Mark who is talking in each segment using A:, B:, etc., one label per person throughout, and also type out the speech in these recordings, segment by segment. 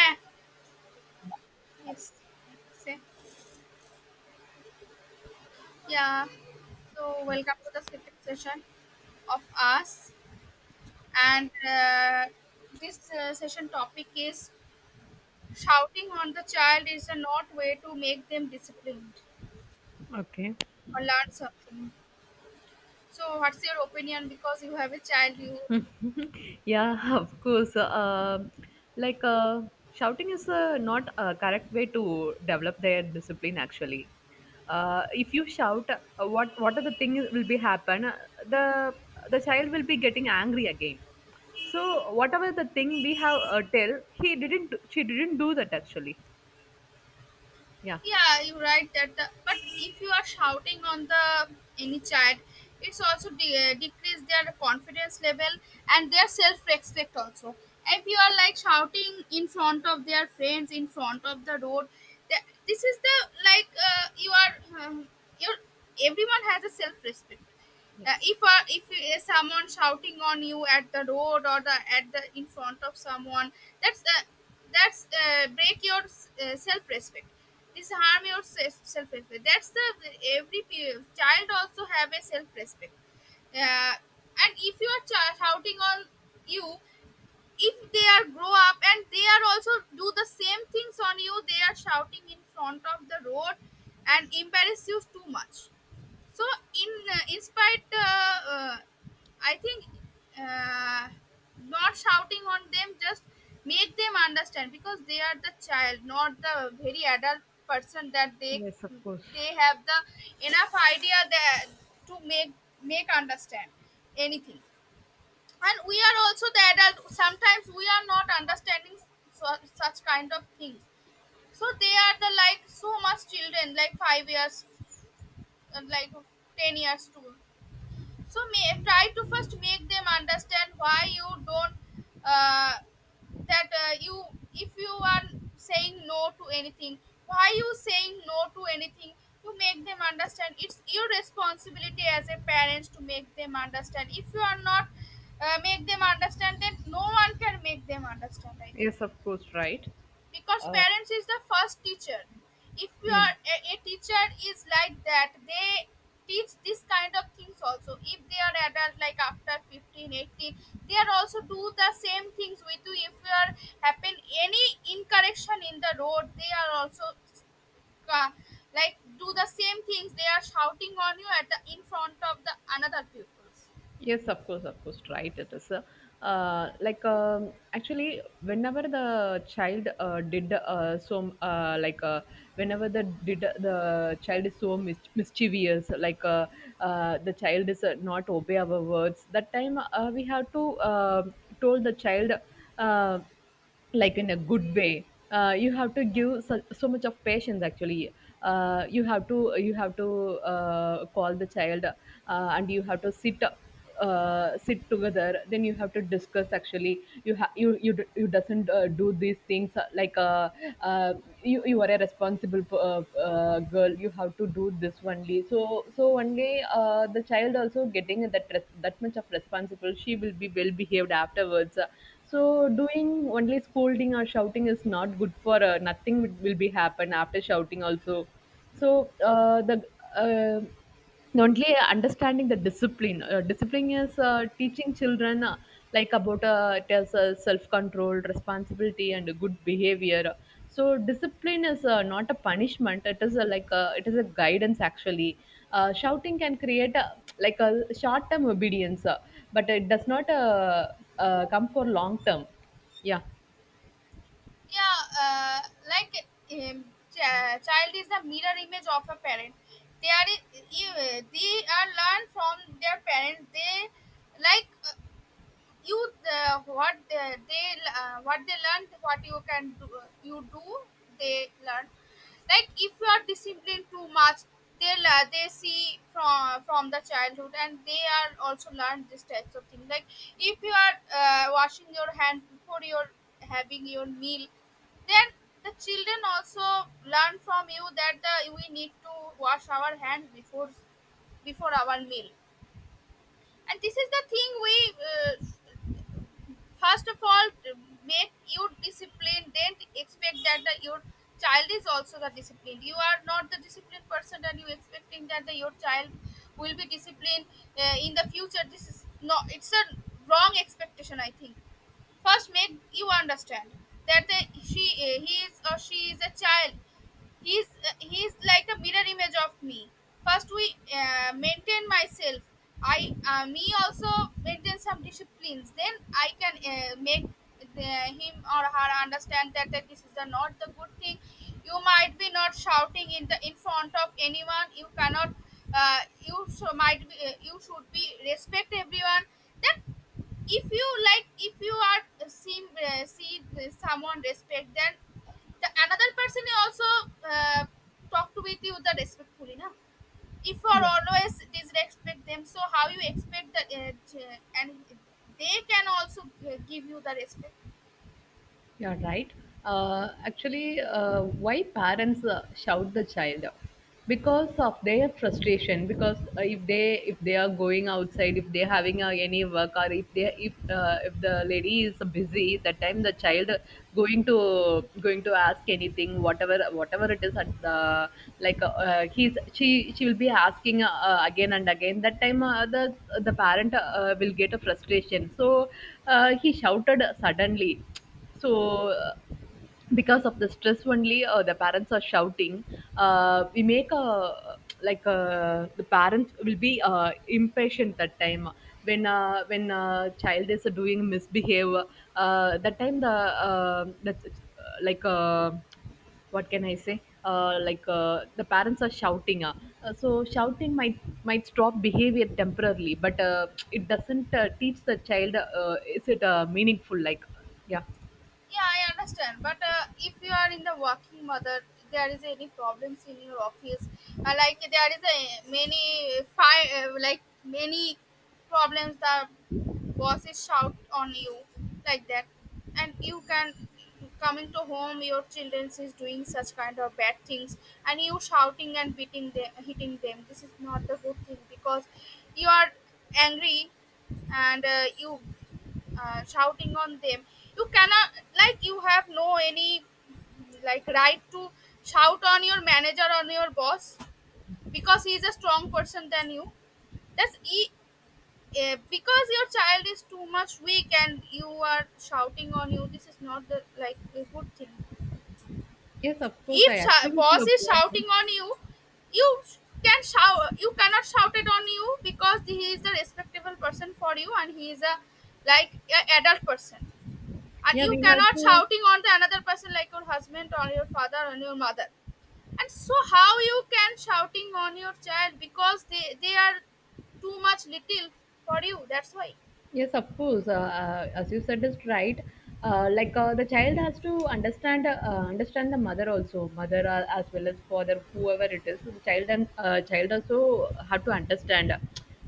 A: Eh, Yes. Say, yeah. So welcome to the second session of us, and uh, this session topic is shouting on the child is a not way to make them disciplined
B: Okay.
A: or learn something. So what's your opinion? Because you have a child, you.
B: Yeah, of course. Like uh, shouting is not a correct way to develop their discipline. Actually, if you shout, what are the things will be happen? The child will be getting angry again. So whatever the thing we have tell, he didn't. She didn't do that actually. Yeah.
A: Yeah, you're right but if you are shouting on the any child, it's also decrease their confidence level and their self-respect also if you are like shouting in front of their friends, in front of the road, this is the you are you everyone has a self-respect.
B: Yes.
A: If someone shouting on you at the road or the at the in front of someone, that's uh, that's break your self respect. This harm your self respect. That's the every child also have a self respect. Uh, and if you are shouting on you, if they are grow up and they are also do the same things on you, they are shouting in front of the road and embarrass you too much. So In spite, I think uh, not shouting on them, just make them understand because they are the child, not the very adult person, that they
B: Yes, of course.
A: they have the enough idea that to make understand anything. And we are also the adult, sometimes we are not understanding, so such kind of things. So they are the like so much children, like 5 years, like 10 years too. So may, try to first make them understand why you don't uh, that you, if you are saying no to anything, why you saying no to anything, you make them understand. It's your responsibility as a parent to make them understand. If you are not make them understand, then no one can make them understand, I think.
B: Yes, of course. Right.
A: Because
B: Uh,
A: parents is the first teacher. If your,
B: yeah.
A: a teacher is like that they teach this kind of things also. If they are adult, like after 15, 18, they are also do the same things with you. If you are happen any incorrection in the road, they are also uh, like do the same things, they are shouting on you at the in front of the another pupils.
B: Yes, of course, right. It is like actually, whenever the child did so, whenever the did the child is so mischievous, the child is not obey our words. That time we have to told the child. Uh, like in a good way, you have to
A: Yeah.
B: give so, so much of patience actually. You have to call the child, and you have to sit, sit together, then you have to discuss. Actually, you ha- you, d- you doesn't do these things. Uh, uh, you are a responsible girl. You have to do this only, so so only the child also getting that that much of responsible. She will be well behaved afterwards. So doing only only scolding or shouting is not good, for nothing will be happen after shouting also. So uh, the uh, the only understanding the discipline, discipline is teaching children, about it is self-control, responsibility and good behavior. So discipline is not a punishment, it is a, like a, it is a guidance actually. Shouting can create a, like a, short-term obedience, but it does not come for long-term. Yeah.
A: Yeah, like um, child is the mirror image of a parent. They are they are learn from their parents. They like you what they what they learned, what you can do, you do, they learn. Like if you are disciplined too much, they see from the childhood and they are also learn this types of thing. Like if you are washing your hand before you're having your meal, then the children also learn from you that we need to wash our hands before before our meal. And this is the thing we uh, first of all, make you disciplined. Don't expect that your child is also the disciplined. You are not the disciplined person, and you expecting that your child will be disciplined in the future. This is no. It's a wrong expectation, I think. First, make you understand that the, she he is or she is a child. he's he's like a mirror image of me. First we maintain myself. I, me also maintain some disciplines, then I can make him or her understand that this is the not the good thing. You might be not shouting in the in front of anyone. You cannot uh, you so might be, you should be respect everyone. That if you like, if you are see someone respect, then the another person will also talk to with you the respectfully na. If you are
B: Yeah,
A: always disrespect them, so how you expect that and they can also give you the respect.
B: you're right. Actually, why parents shout the child? Because of their frustration. Because if they are going outside, if they're having any work, or if the lady is busy, that time the child going to ask anything, whatever it is. At the, he's, she will be asking, again and again. That time the parent will get a frustration. So he shouted suddenly. So, because of the stress only, the parents are shouting. We make a, the parents will be impatient that time when a child is doing misbehave. That time the that like what can I say? The parents are shouting. So shouting might stop behavior temporarily, but it doesn't teach the child. Is it meaningful? Like, yeah.
A: Yeah, I understand, but if you are in the working mother, there is any problems in your office, like there is a many fire, like many problems, that bosses shout on you like that. And you can coming to home, your children is doing such kind of bad things, and you shouting and beating them, hitting them. This is not the good thing because you are angry, and you shouting on them. You cannot, like, you have no any like right to shout on your manager, on your boss, because he is a strong person than you. that's e- because your child is too much weak and you are shouting on you, this is not the like a good thing.
B: Yes, of course, I
A: If
B: agree with
A: boss
B: your
A: is
B: point.
A: shouting on you, you sh- can shout you cannot shout it on you because he is a respectable person for you, and he is a like a adult person. And
B: Yeah,
A: you
B: we have
A: cannot
B: to.
A: shouting on the another person like your husband or your father or your mother. And so how you can shouting on your child, because they are too much little for you, that's why.
B: Yes, of course. As you said, is right. The child has to understand, understand the mother also, mother as well as father, whoever it is. So the child, and child also have to understand.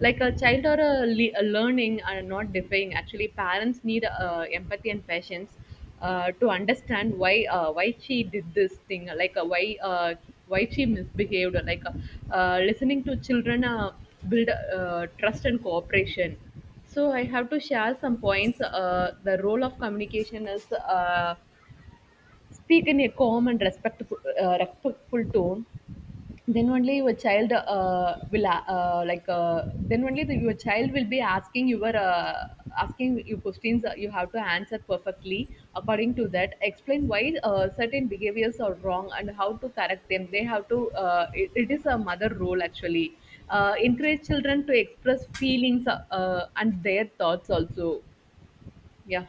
B: Like, a child are learning and not defying. Actually, parents need empathy and patience to understand why, why she did this thing. Like, why she misbehaved. Listening to children build trust and cooperation. So I have to share some points. The role of communication is, speak in a calm and respectful, respectful tone. Then only your child will like then only your child will be asking your, asking you questions. You have to answer perfectly according to that. Explain why certain behaviors are wrong and how to correct them. They have to, it is a mother role actually. Encourage children to express feelings, and their thoughts also. Yeah.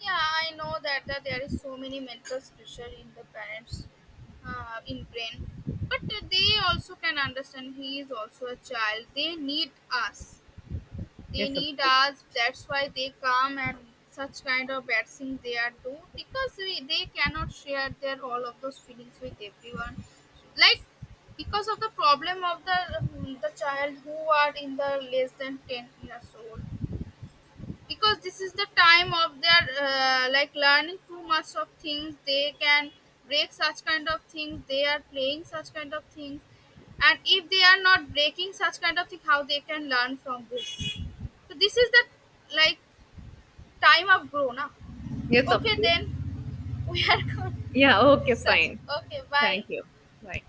A: Yeah, I know that there is so many mental pressure in the parents, in brain, but they also can understand he is also a child. They need us. They
B: Yes, of
A: need
B: course.
A: us. That's why they come and such kind of bad things they are do, because we, they cannot share their all of those feelings with everyone. Like because of the problem of the child who are in the less than 10 years old, because this is the time of their like learning too much of things. They can break such kind of things, they are playing such kind of things, and if they are not breaking such kind of thing, how they can learn from this? So this is the like time of grown up.
B: Yes, of
A: Okay,
B: course.
A: then we are good.
B: Yeah, okay,
A: Such,
B: fine.
A: okay, bye.
B: Thank you. Bye.